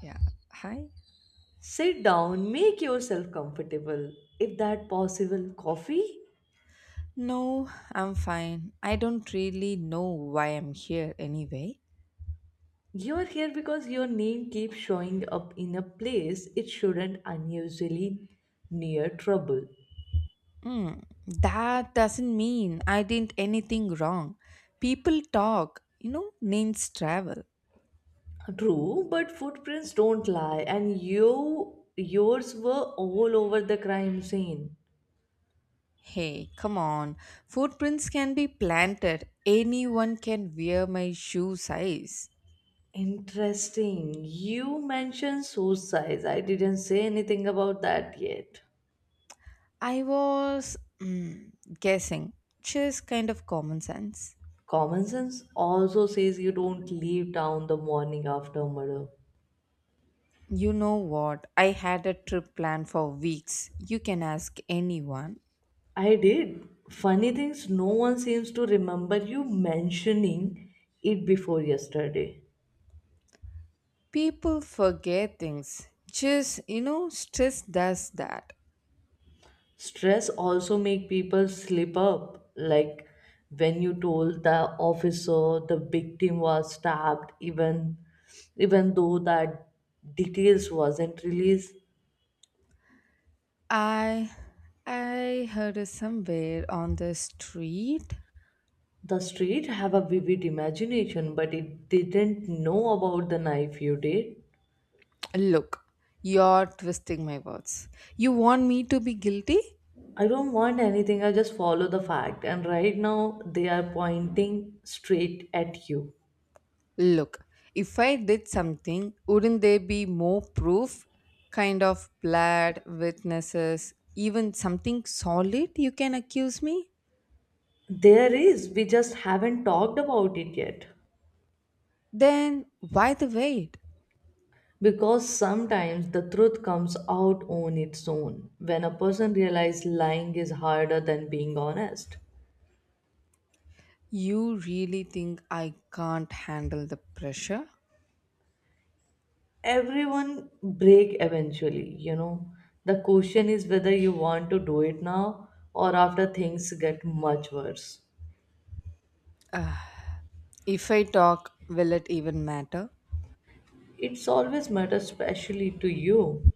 Yeah. Hi. Sit down, make yourself comfortable. If that possible, coffee? No, I'm fine. I don't really know why I'm here anyway. You're here because your name keeps showing up in a place it shouldn't unusually near trouble. Hmm. That doesn't mean I did anything wrong. People talk, names travel. True, but footprints don't lie and yours were all over the crime scene. Hey, come on. Footprints can be planted. Anyone can wear my shoe size. Interesting. You mentioned suicides. I didn't say anything about that yet. I was mm, guessing. Just kind of common sense. Common sense also says you don't leave town the morning after murder. You know what? I had a trip planned for weeks. You can ask anyone. I did. Funny things, no one seems to remember you mentioning it before yesterday. People forget things, just stress does that. Stress also make people slip up, like when you told the officer the victim was stabbed, even though that details wasn't released. I i heard it somewhere on the street. The street have a vivid imagination, but it didn't know about the knife you did. Look, you're twisting my words. You want me to be guilty. I don't want anything. I just follow the fact. And right now, they are pointing straight at you. Look, if I did something, wouldn't there be more proof? Kind of blood, witnesses, even something solid you can accuse me. There is. We just haven't talked about it yet. Then why the wait? Because sometimes the truth comes out on its own when a person realizes lying is harder than being honest. You really think I can't handle the pressure? Everyone break eventually. The question is whether you want to do it now or after things get much worse. If I talk, will it even matter? It's always matter especially to you.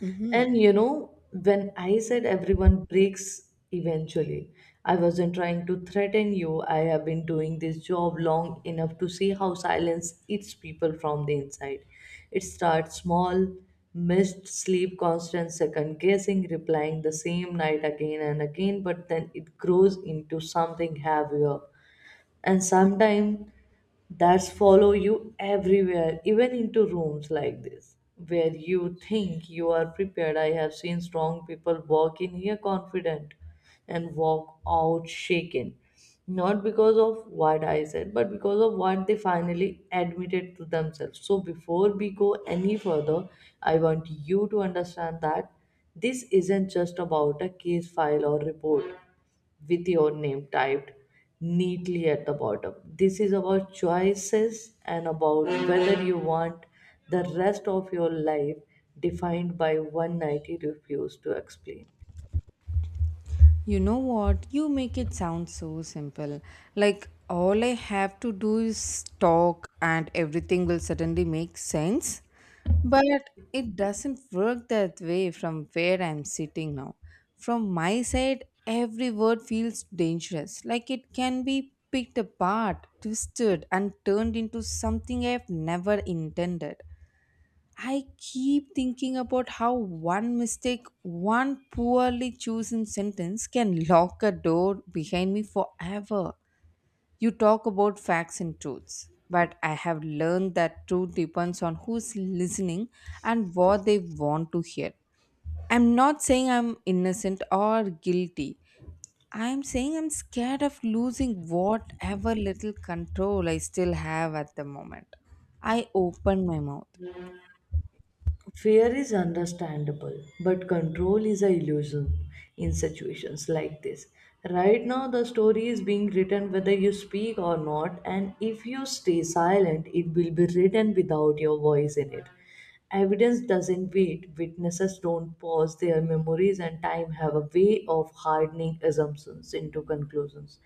Mhm. When I said everyone breaks eventually, I wasn't trying to threaten you. I have been doing this job long enough to see how silence eats people from the inside. It starts small, missed sleep, constant second guessing, replying the same night again and again, but then it grows into something heavier, and sometimes that's follow you everywhere, even into rooms like this where you think you are prepared. I have seen strong people walk in here confident and walk out shaken, not because of what I said but because of what they finally admitted to themselves. So before we go any further, I want you to understand that this isn't just about a case file or report with your name typed neatly at the bottom. This is about choices and about whether you want the rest of your life defined by one night you refuse to explain. You know what? You make it sound so simple. Like all I have to do is talk and everything will suddenly make sense. But it doesn't work that way from where I'm sitting now. From my side, every word feels dangerous. Like it can be picked apart, twisted, and turned into something I've never intended. I keep thinking about how one mistake, one poorly chosen sentence can lock a door behind me forever. You talk about facts and truths, but I have learned that truth depends on who's listening and what they want to hear. I'm not saying I'm innocent or guilty. I'm saying I'm scared of losing whatever little control I still have at the moment. I open my mouth. Fear is understandable, but control is a illusion in situations like this. Right now, the story is being written whether you speak or not, and if you stay silent, it will be written without your voice in it. Evidence doesn't wait, witnesses don't pause, their memories and time have a way of hardening assumptions into conclusions.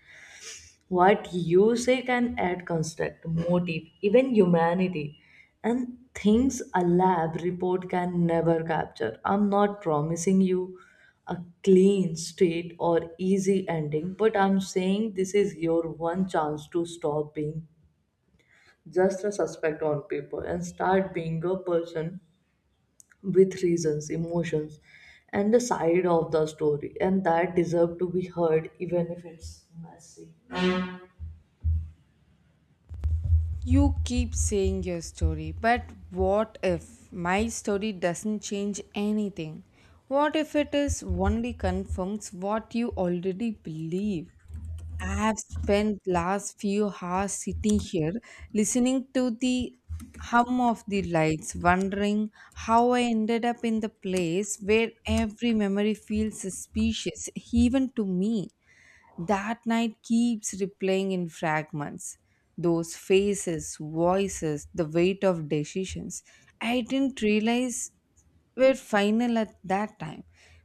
What you say can add construct, motive, even humanity, and things a lab report can never capture. I'm not promising you a clean state or easy ending, but I'm saying this is your one chance to stop being just a suspect on paper and start being a person with reasons, emotions, and the side of the story, and that deserve to be heard, even if it's messy. You keep saying your story, but what if my story doesn't change anything? What if it is only confirms what you already believe? I have spent last few hours sitting here listening to the hum of the lights, wondering how I ended up in the place where every memory feels suspicious, even to me. That night keeps replaying in fragments. Those faces, voices, the weight of decisions. I didn't realize were final at that time.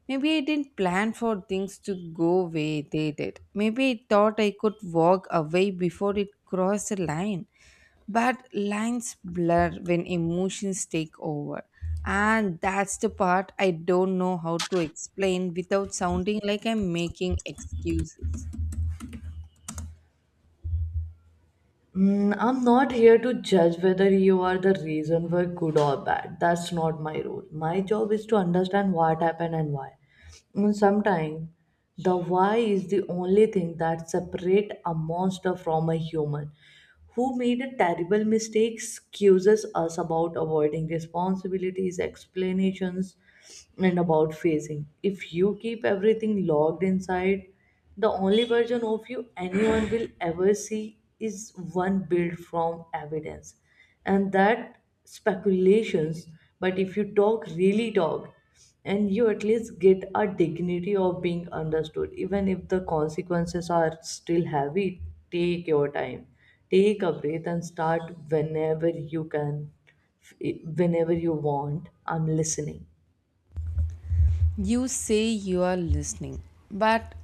Maybe I didn't plan for things to go way they did. Maybe I thought I could walk away before it crossed a line. But lines blur when emotions take over. And that's the part I don't know how to explain without sounding like I'm making excuses. I'm not here to judge whether you are the reason for good or bad. That's not my role. My job is to understand what happened and why. And sometimes the why is the only thing that separates a monster from a human who made a terrible mistake excuses us about avoiding responsibilities, explanations, and about facing. If you keep everything logged inside, the only version of you anyone will ever see is one built from evidence, and that speculations. But if you talk, really talk, and you at least get a dignity of being understood, even if the consequences are still heavy, take your time. Take a breath and start whenever you can, whenever you want. I'm listening. You say you are listening, but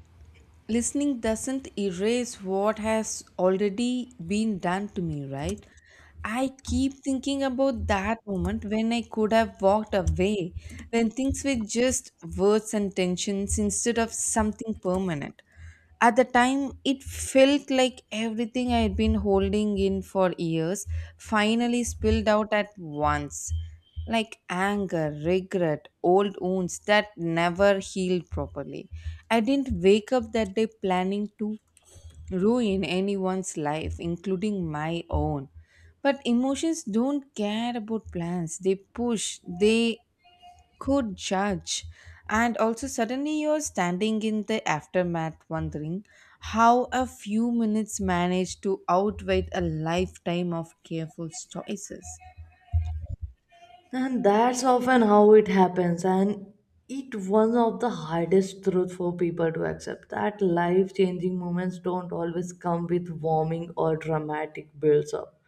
listening doesn't erase what has already been done to me, right? I keep thinking about that moment when I could have walked away, when things were just words and tensions instead of something permanent. At the time, it felt like everything I had been holding in for years finally spilled out at once. Like anger, regret, old wounds that never healed properly. I didn't wake up that day planning to ruin anyone's life, including my own. But emotions don't care about plans, they push, they could judge and also suddenly you're standing in the aftermath wondering how a few minutes managed to outweigh a lifetime of careful choices. And that's often how it happens. And it one of the hardest truth for people to accept that life changing moments don't always come with warming or dramatic builds up.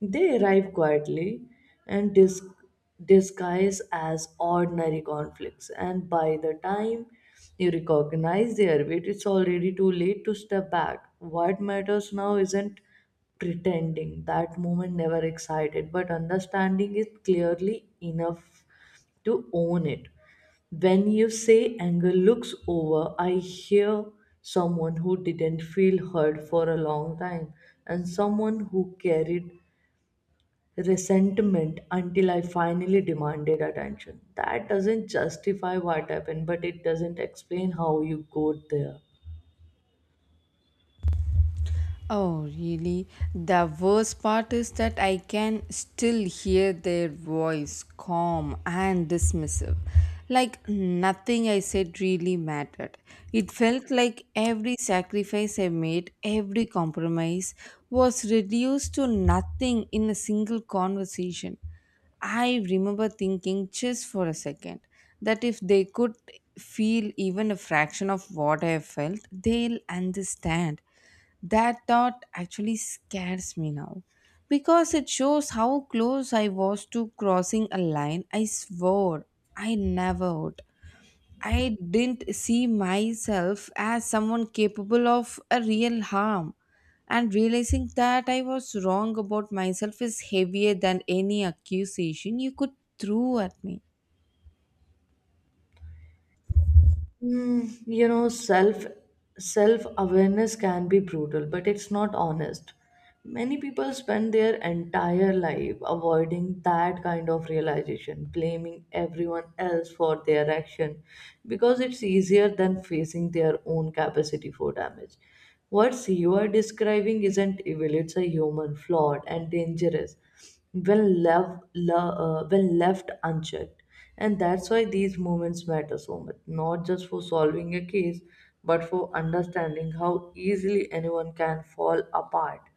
They arrive quietly and disguise as ordinary conflicts. And by the time you recognize their weight, it's already too late to step back. What matters now isn't pretending that moment never excited but understanding is clearly enough to own it. When you say anger looks over, I hear someone who didn't feel hurt for a long time and someone who carried resentment until I finally demanded attention. That doesn't justify what happened, but it doesn't explain how you got there. Oh, really? The worst part is that I can still hear their voice, calm and dismissive. Like nothing I said really mattered. It felt like every sacrifice I made, every compromise was reduced to nothing in a single conversation. I remember thinking just for a second that if they could feel even a fraction of what I felt, they'll understand. That thought actually scares me now because it shows how close I was to crossing a line I swore I never would. I didn't see myself as someone capable of a real harm, and realizing that I was wrong about myself is heavier than any accusation you could throw at me. Mm, you know, self self awareness can be brutal, but it's not honest. Many people spend their entire life avoiding that kind of realization, blaming everyone else for their action, because it's easier than facing their own capacity for damage. What you are describing isn't evil; it's a human, flawed, and dangerous when left, when left unchecked. And that's why these moments matter so much, not just for solving a case, but for understanding how easily anyone can fall apart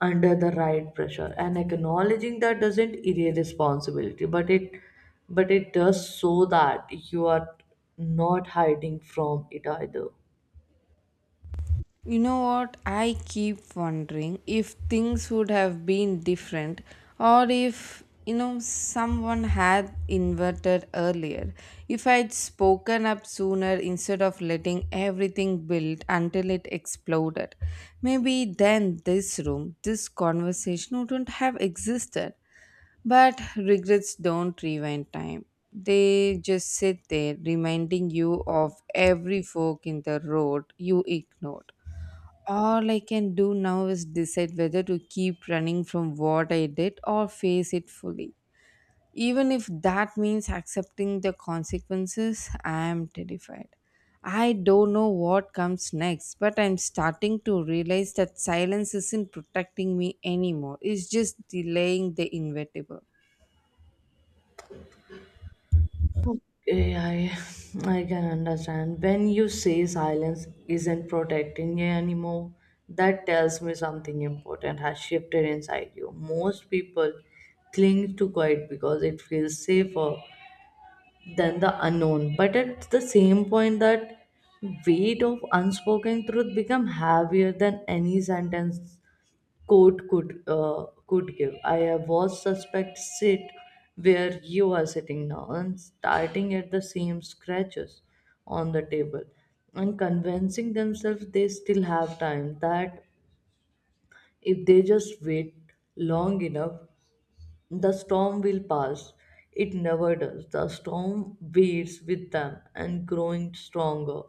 under the right pressure. And acknowledging that doesn't erase responsibility, but it does so that you are not hiding from it either. You know what? I keep wondering if things would have been different or if, you know, someone had inverted earlier. If I'd spoken up sooner instead of letting everything build until it exploded, maybe then this room, this conversation wouldn't have existed. But regrets don't rewind time. They just sit there reminding you of every fork in the road you ignored. All I can do now is decide whether to keep running from what I did or face it fully. Even if that means accepting the consequences, I am terrified. I don't know what comes next, but I'm starting to realize that silence isn't protecting me anymore. It's just delaying the inevitable. Okay, I can understand. When you say silence isn't protecting you anymore, that tells me something important has shifted inside you. Most people cling to quiet because it feels safer than the unknown. But at the same point that weight of unspoken truth become heavier than any sentence court could give. I was suspect sit where you are sitting now and starting at the same scratches on the table and convincing themselves they still have time, that if they just wait long enough the storm will pass. It never does. The storm waits with them and growing stronger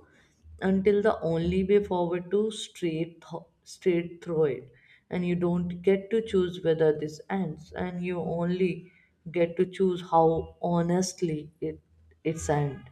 until the only way forward to straight through it. And you don't get to choose whether this ends, and you only get to choose how honestly it's end.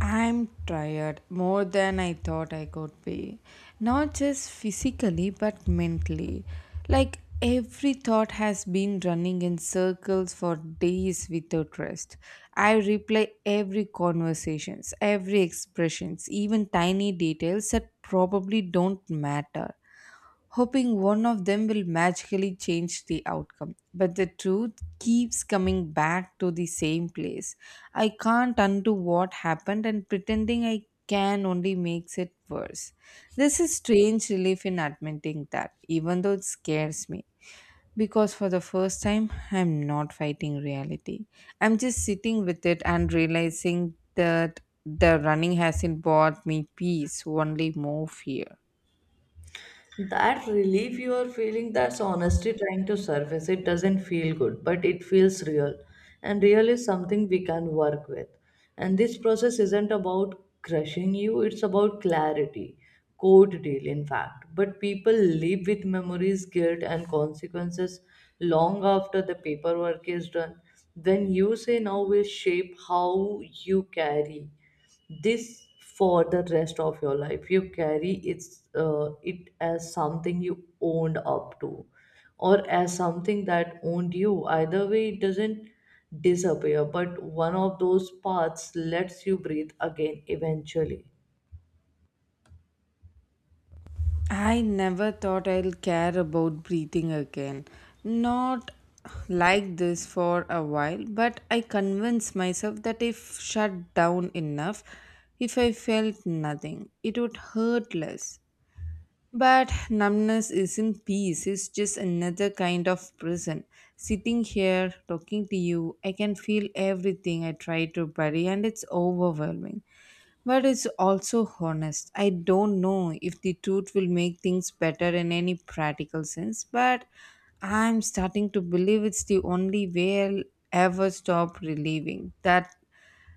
I'm tired more than I thought I could be. Not just physically, but mentally. Like every thought has been running in circles for days without rest. I replay every conversations, every expressions, even tiny details that probably don't matter, hoping one of them will magically change the outcome. But the truth keeps coming back to the same place. I can't undo what happened, and pretending I can only makes it worse. This is strange relief in admitting that, even though it scares me. Because for the first time, I'm not fighting reality. I'm just sitting with it and realizing that the running hasn't brought me peace, only more fear. That relief you are feeling, that's honesty trying to surface. It doesn't feel good, but it feels real. And real is something we can work with. And this process isn't about crushing you, it's about clarity. Code deal, in fact. But people live with memories, guilt, and consequences long after the paperwork is done. Then you say now will shape how you carry this for the rest of your life. You carry it as something you owned up to or as something that owned you. Either way, it doesn't disappear, but one of those paths lets you breathe again eventually. I never thought I'll care about breathing again. Not like this for a while, but I convinced myself that if shut down enough, if I felt nothing, it would hurt less. But numbness isn't peace, it's just another kind of prison. Sitting here talking to you, I can feel everything I try to bury, and it's overwhelming. But it's also honest. I don't know if the truth will make things better in any practical sense, but I'm starting to believe it's the only way I'll ever stop relieving that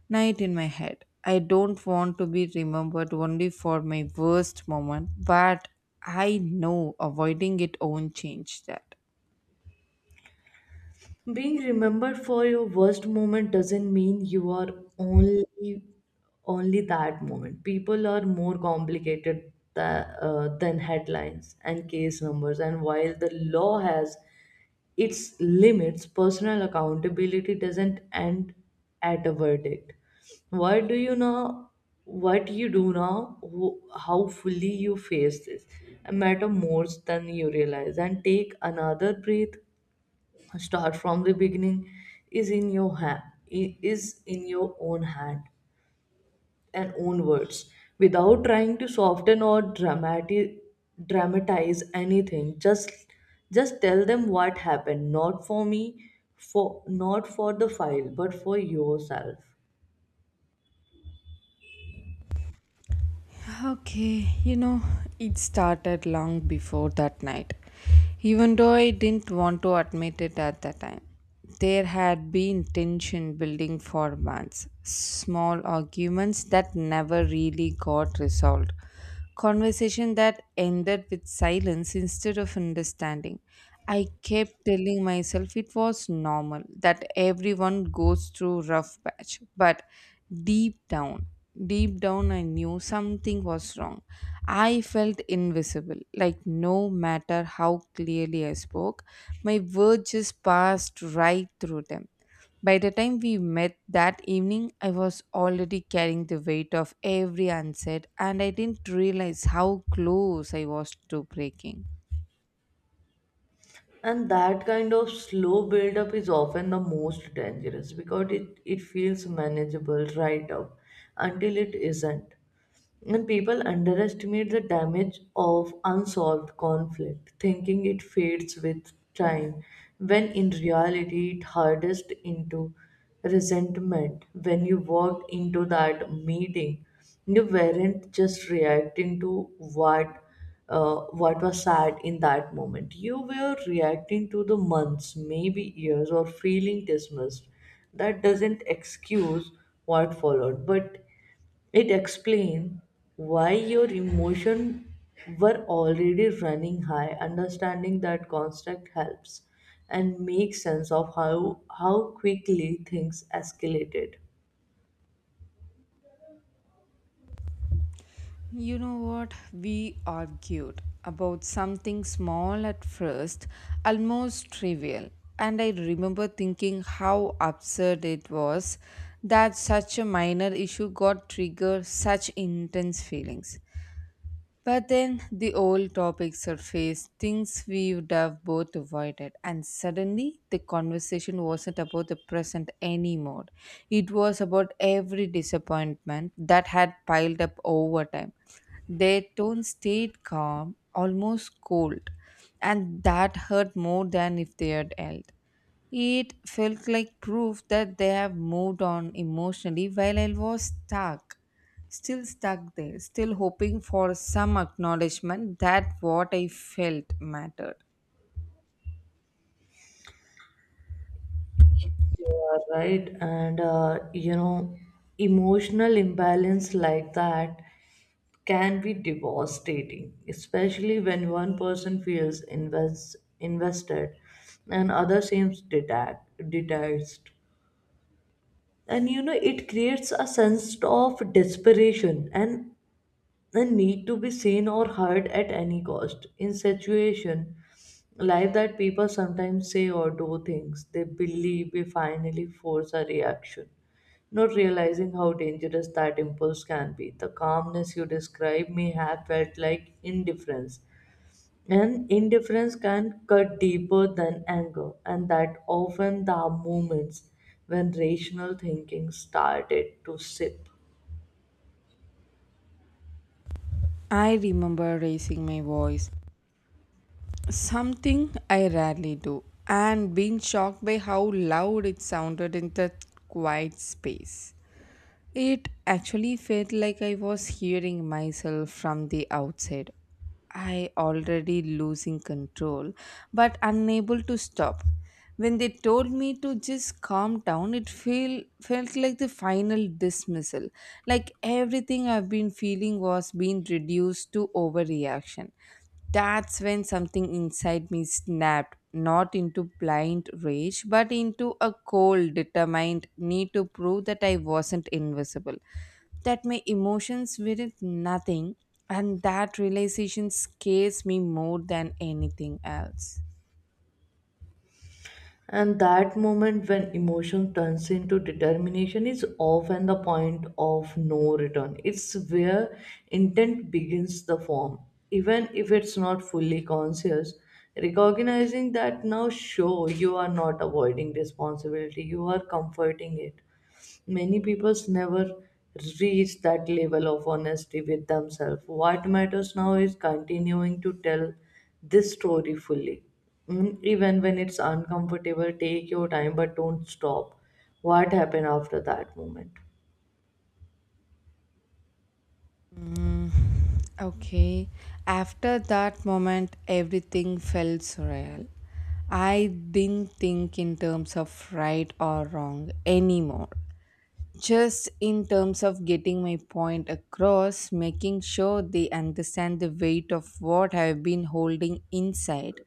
night in my head. I don't want to be remembered only for my worst moment, but I know avoiding it won't change that. Being remembered for your worst moment doesn't mean you are only only that moment. People are more complicated than headlines and case numbers. And while the law has its limits, personal accountability doesn't end at a verdict. What do you know? What you do now, how fully you face this, matter more than you realize. And take another breath, start from the beginning, is in your hand is in your own hand and own words, without trying to soften or dramatic dramatize anything, just tell them what happened, not for me for not for the file, but for yourself. Okay, you know, it started long before that night. Even though I didn't want to admit it at the time, there had been tension building for months, small arguments that never really got resolved. Conversation that ended with silence instead of understanding. I kept telling myself it was normal that everyone goes through rough patch, but deep down, deep down I knew something was wrong. I felt invisible, like no matter how clearly I spoke, my words just passed right through them. By the time we met that evening, I was already carrying the weight of every unsaid, and I didn't realize how close I was to breaking. And that kind of slow build-up is often the most dangerous because it feels manageable right up until it isn't. And people underestimate the damage of unsolved conflict, thinking it fades with time, when in reality it hardest into resentment. When you walked into that meeting, you weren't just reacting to uh, what was sad in that moment. You were reacting to the months, maybe years, or feeling dismissed. That doesn't excuse what followed, but it explains why your emotions were already running high. Understanding that construct helps and makes sense of how quickly things escalated. You know what? We argued about something small at first, almost trivial. And I remember thinking how absurd it was that such a minor issue got triggered such intense feelings. But then the old topics surfaced, things we would have both avoided, and suddenly the conversation wasn't about the present anymore. It was about every disappointment that had piled up over time. Their tone stayed calm, almost cold, and that hurt more than if they had yelled. It felt like proof that they have moved on emotionally while I was stuck, still stuck there, still hoping for some acknowledgement that what I felt mattered. You are right, and emotional imbalance like that can be devastating, especially when one person feels invested and other seems detached. It creates a sense of desperation and need to be seen or heard at any cost. In situation like that, people sometimes say or do things they believe we finally force a reaction, not realizing how dangerous that impulse can be. The calmness you describe may have felt like indifference. And indifference can cut deeper than anger, and that often the moments when rational thinking started to sip. I remember raising my voice, something I rarely do, and being shocked by how loud it sounded in that quiet space. It actually felt like I was hearing myself from the outside. I already losing control, but unable to stop. When they told me to just calm down, it felt like the final dismissal. Like everything I've been feeling was being reduced to overreaction. That's when something inside me snapped, not into blind rage, but into a cold, determined need to prove that I wasn't invisible, that my emotions weren't nothing, and that realization scares me more than anything else. And that moment when emotion turns into determination is often the point of no return. It's where intent begins the form, even if it's not fully conscious. Recognizing that now, show you are not avoiding responsibility, you are comforting it. Many peoples never reach that level of honesty with themselves. What matters now is continuing to tell this story fully. Even when it's uncomfortable, take your time but don't stop. What happened after that moment? Okay, after that moment, everything felt surreal. I didn't think in terms of right or wrong anymore. Just in terms of getting my point across, making sure they understand the weight of what I've been holding inside.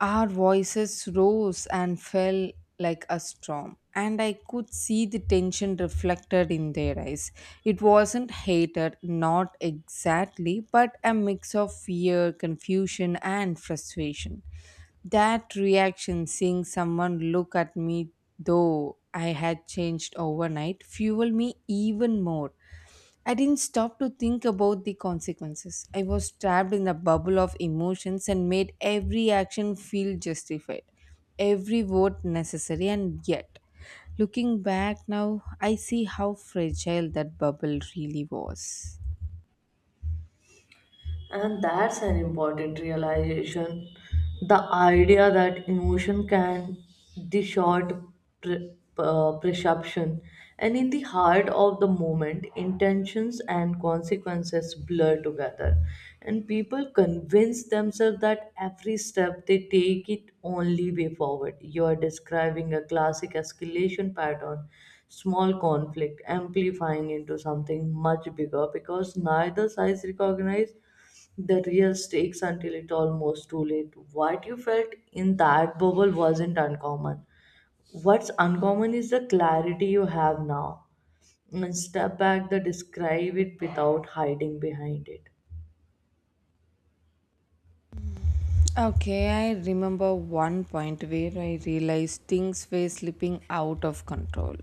Our voices rose and fell like a storm, and I could see the tension reflected in their eyes. It wasn't hatred, not exactly, but a mix of fear, confusion, and frustration. That reaction, seeing someone look at me, though I had changed overnight, fueled me even more. I didn't stop to think about the consequences. I was trapped in a bubble of emotions and made every action feel justified, every vote necessary, and yet, looking back now, I see how fragile that bubble really was. And that's an important realization. The idea that emotion can distort perception, and in the heart of the moment, intentions and consequences blur together, and people convince themselves that every step they take it only way forward. You are describing a classic escalation pattern, small conflict amplifying into something much bigger because neither sides recognize the real stakes until it almost too late. What you felt in that bubble wasn't uncommon. What's uncommon is the clarity you have now. And step back the describe it without hiding behind it. Okay, I remember one point where I realized things were slipping out of control.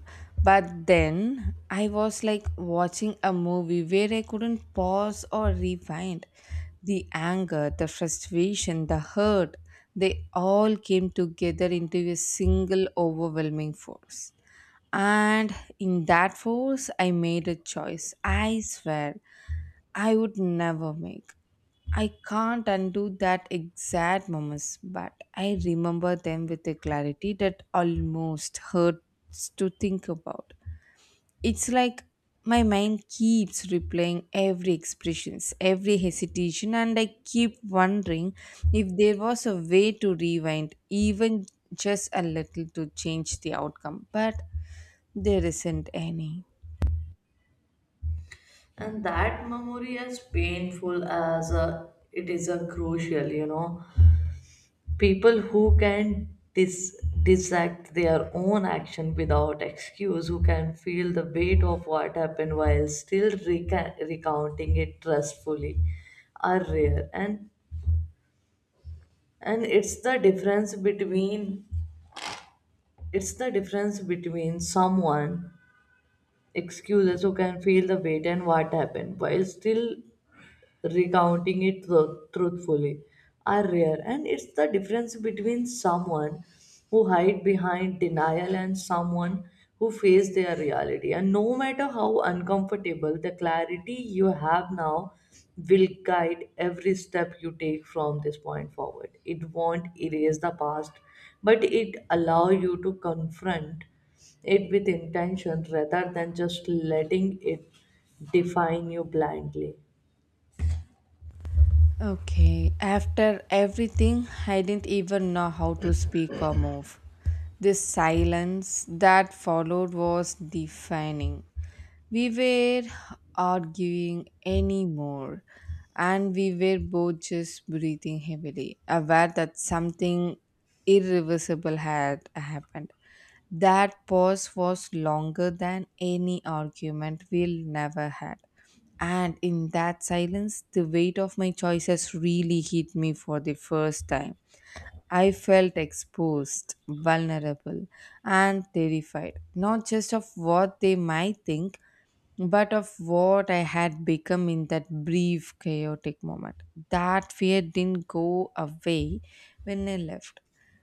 But then I was like watching a movie where I couldn't pause or rewind. The anger, the frustration, the hurt, they all came together into a single overwhelming force. And in that force, I made a choice. I swear I would never make. I can't undo that exact moments, but I remember them with a clarity that almost hurts to think about. It's like my mind keeps replaying every expressions, every hesitation, and I keep wondering if there was a way to rewind, even just a little to change the outcome. But there isn't any. And that memory, as painful as it is, a crucial. People who can dissect their own action without excuse, who can feel the weight of what happened while still recounting it trustfully, are rare. And it's the difference between someone excuses, who can feel the weight and what happened while still recounting it truthfully, are rare, and it's the difference between someone who hide behind denial and someone who face their reality, and no matter how uncomfortable, the clarity you have now will guide every step you take from this point forward. It won't erase the past, but it allow you to confront it with intention rather than just letting it define you blindly. Okay, after everything, I didn't even know how to speak or move. This silence that followed was defining. We were arguing anymore, and we were both just breathing heavily, aware that something irreversible had happened. That pause was longer than any argument we'll never had. And in that silence, the weight of my choices really hit me for the first time. I felt exposed, vulnerable, and terrified, not just of what they might think, but of what I had become in that brief, chaotic moment. That fear didn't go away when I left.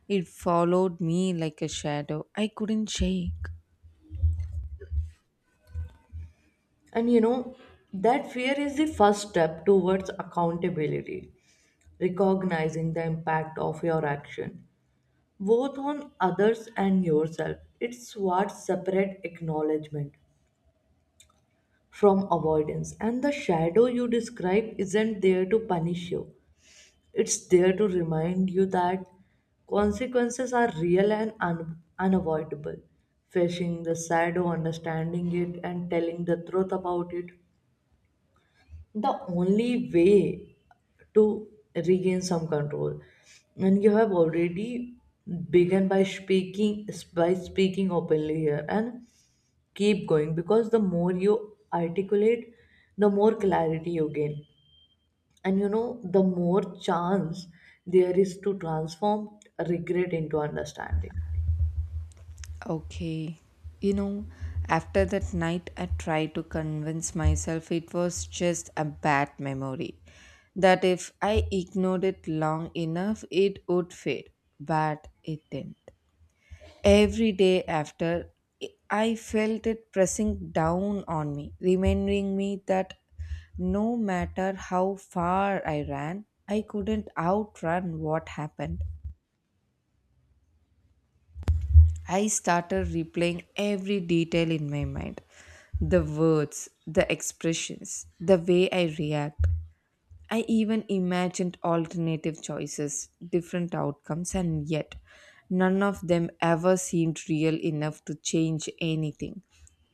It followed me like a shadow I couldn't shake. And you know, that fear is the first step towards accountability, recognizing the impact of your action, both on others and yourself. It's what separates acknowledgement from avoidance. And the shadow you describe isn't there to punish you, it's there to remind you that consequences are real and unavoidable. Facing the shadow, understanding it, and telling the truth about it the only way to regain some control. And you have already begun by speaking openly here, and keep going because the more you articulate, the more clarity you gain, and the more chance there is to transform regret into understanding. Okay. You know, after that night, I tried to convince myself it was just a bad memory. That if I ignored it long enough, it would fade. But it didn't. Every day after, I felt it pressing down on me, reminding me that no matter how far I ran, I couldn't outrun what happened. I started replaying every detail in my mind, the words, the expressions, the way I react. I even imagined alternative choices, different outcomes, and yet none of them ever seemed real enough to change anything.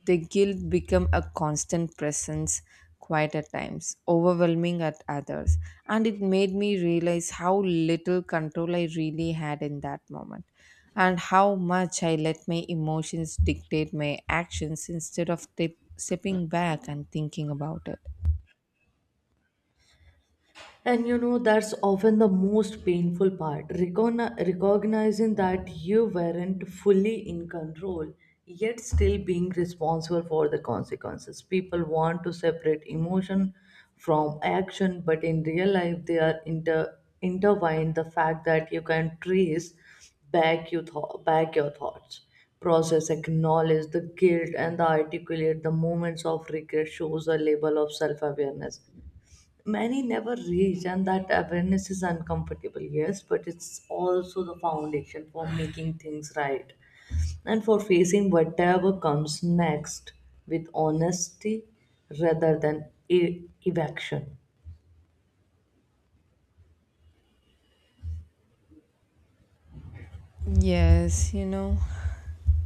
The guilt became a constant presence, quiet at times, overwhelming at others, and it made me realize how little control I really had in that moment and how much I let my emotions dictate my actions instead of tip stepping back and thinking about it. That's often the most painful part, recognizing that you weren't fully in control, yet still being responsible for the consequences. People want to separate emotion from action, but in real life, they are intertwined. The fact that you can trace back, you thought back your thoughts process, acknowledge the guilt, and the articulate the moments of regret shows a level of self awareness many never reach, and that awareness is uncomfortable, yes, but it's also the foundation for making things right and for facing whatever comes next with honesty rather than evasion. Yes, you know,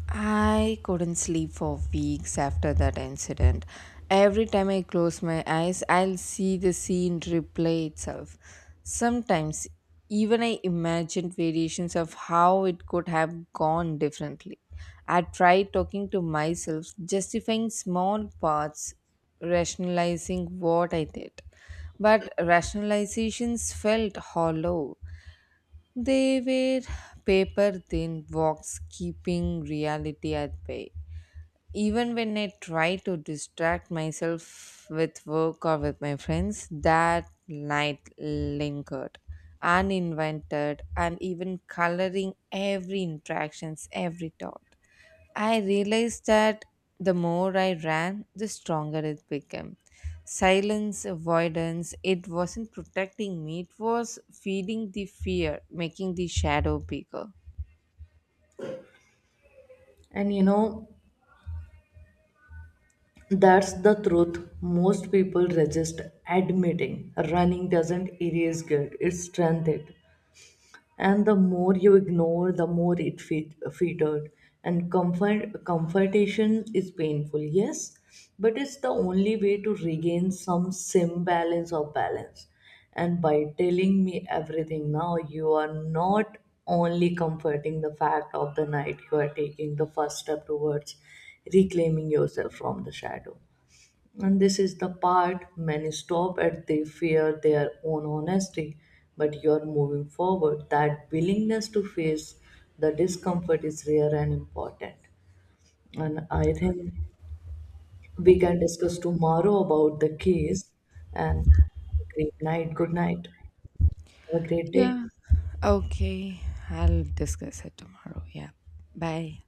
I couldn't sleep for weeks after that incident. Every time I close my eyes, I'll see the scene replay itself. Sometimes, even I imagined variations of how it could have gone differently. I tried talking to myself, justifying small parts, rationalizing what I did. But rationalizations felt hollow. They were paper thin walks, keeping reality at bay. Even when I try to distract myself with work or with my friends, that night lingered, uninvented, and even coloring every interactions, every thought. I realized that the more I ran, the stronger it became. Silence, avoidance, it wasn't protecting me, it was feeding the fear, making the shadow bigger. And you know that's the truth most people resist admitting. Running doesn't erase guilt, it strengthens it. And the more you ignore, the more it fittered. And comfortation is painful, yes, but it's the only way to regain some sim balance or balance. And by telling me everything now, you are not only comforting the fact of the night, you are taking the first step towards reclaiming yourself from the shadow. And this is the part many stop at, they fear their own honesty, but you're moving forward. That willingness to face the discomfort is rare and important. And I think we can discuss tomorrow about the case. And great night, good night. Have a great day. Yeah. Okay, I'll discuss it tomorrow. Yeah. Bye.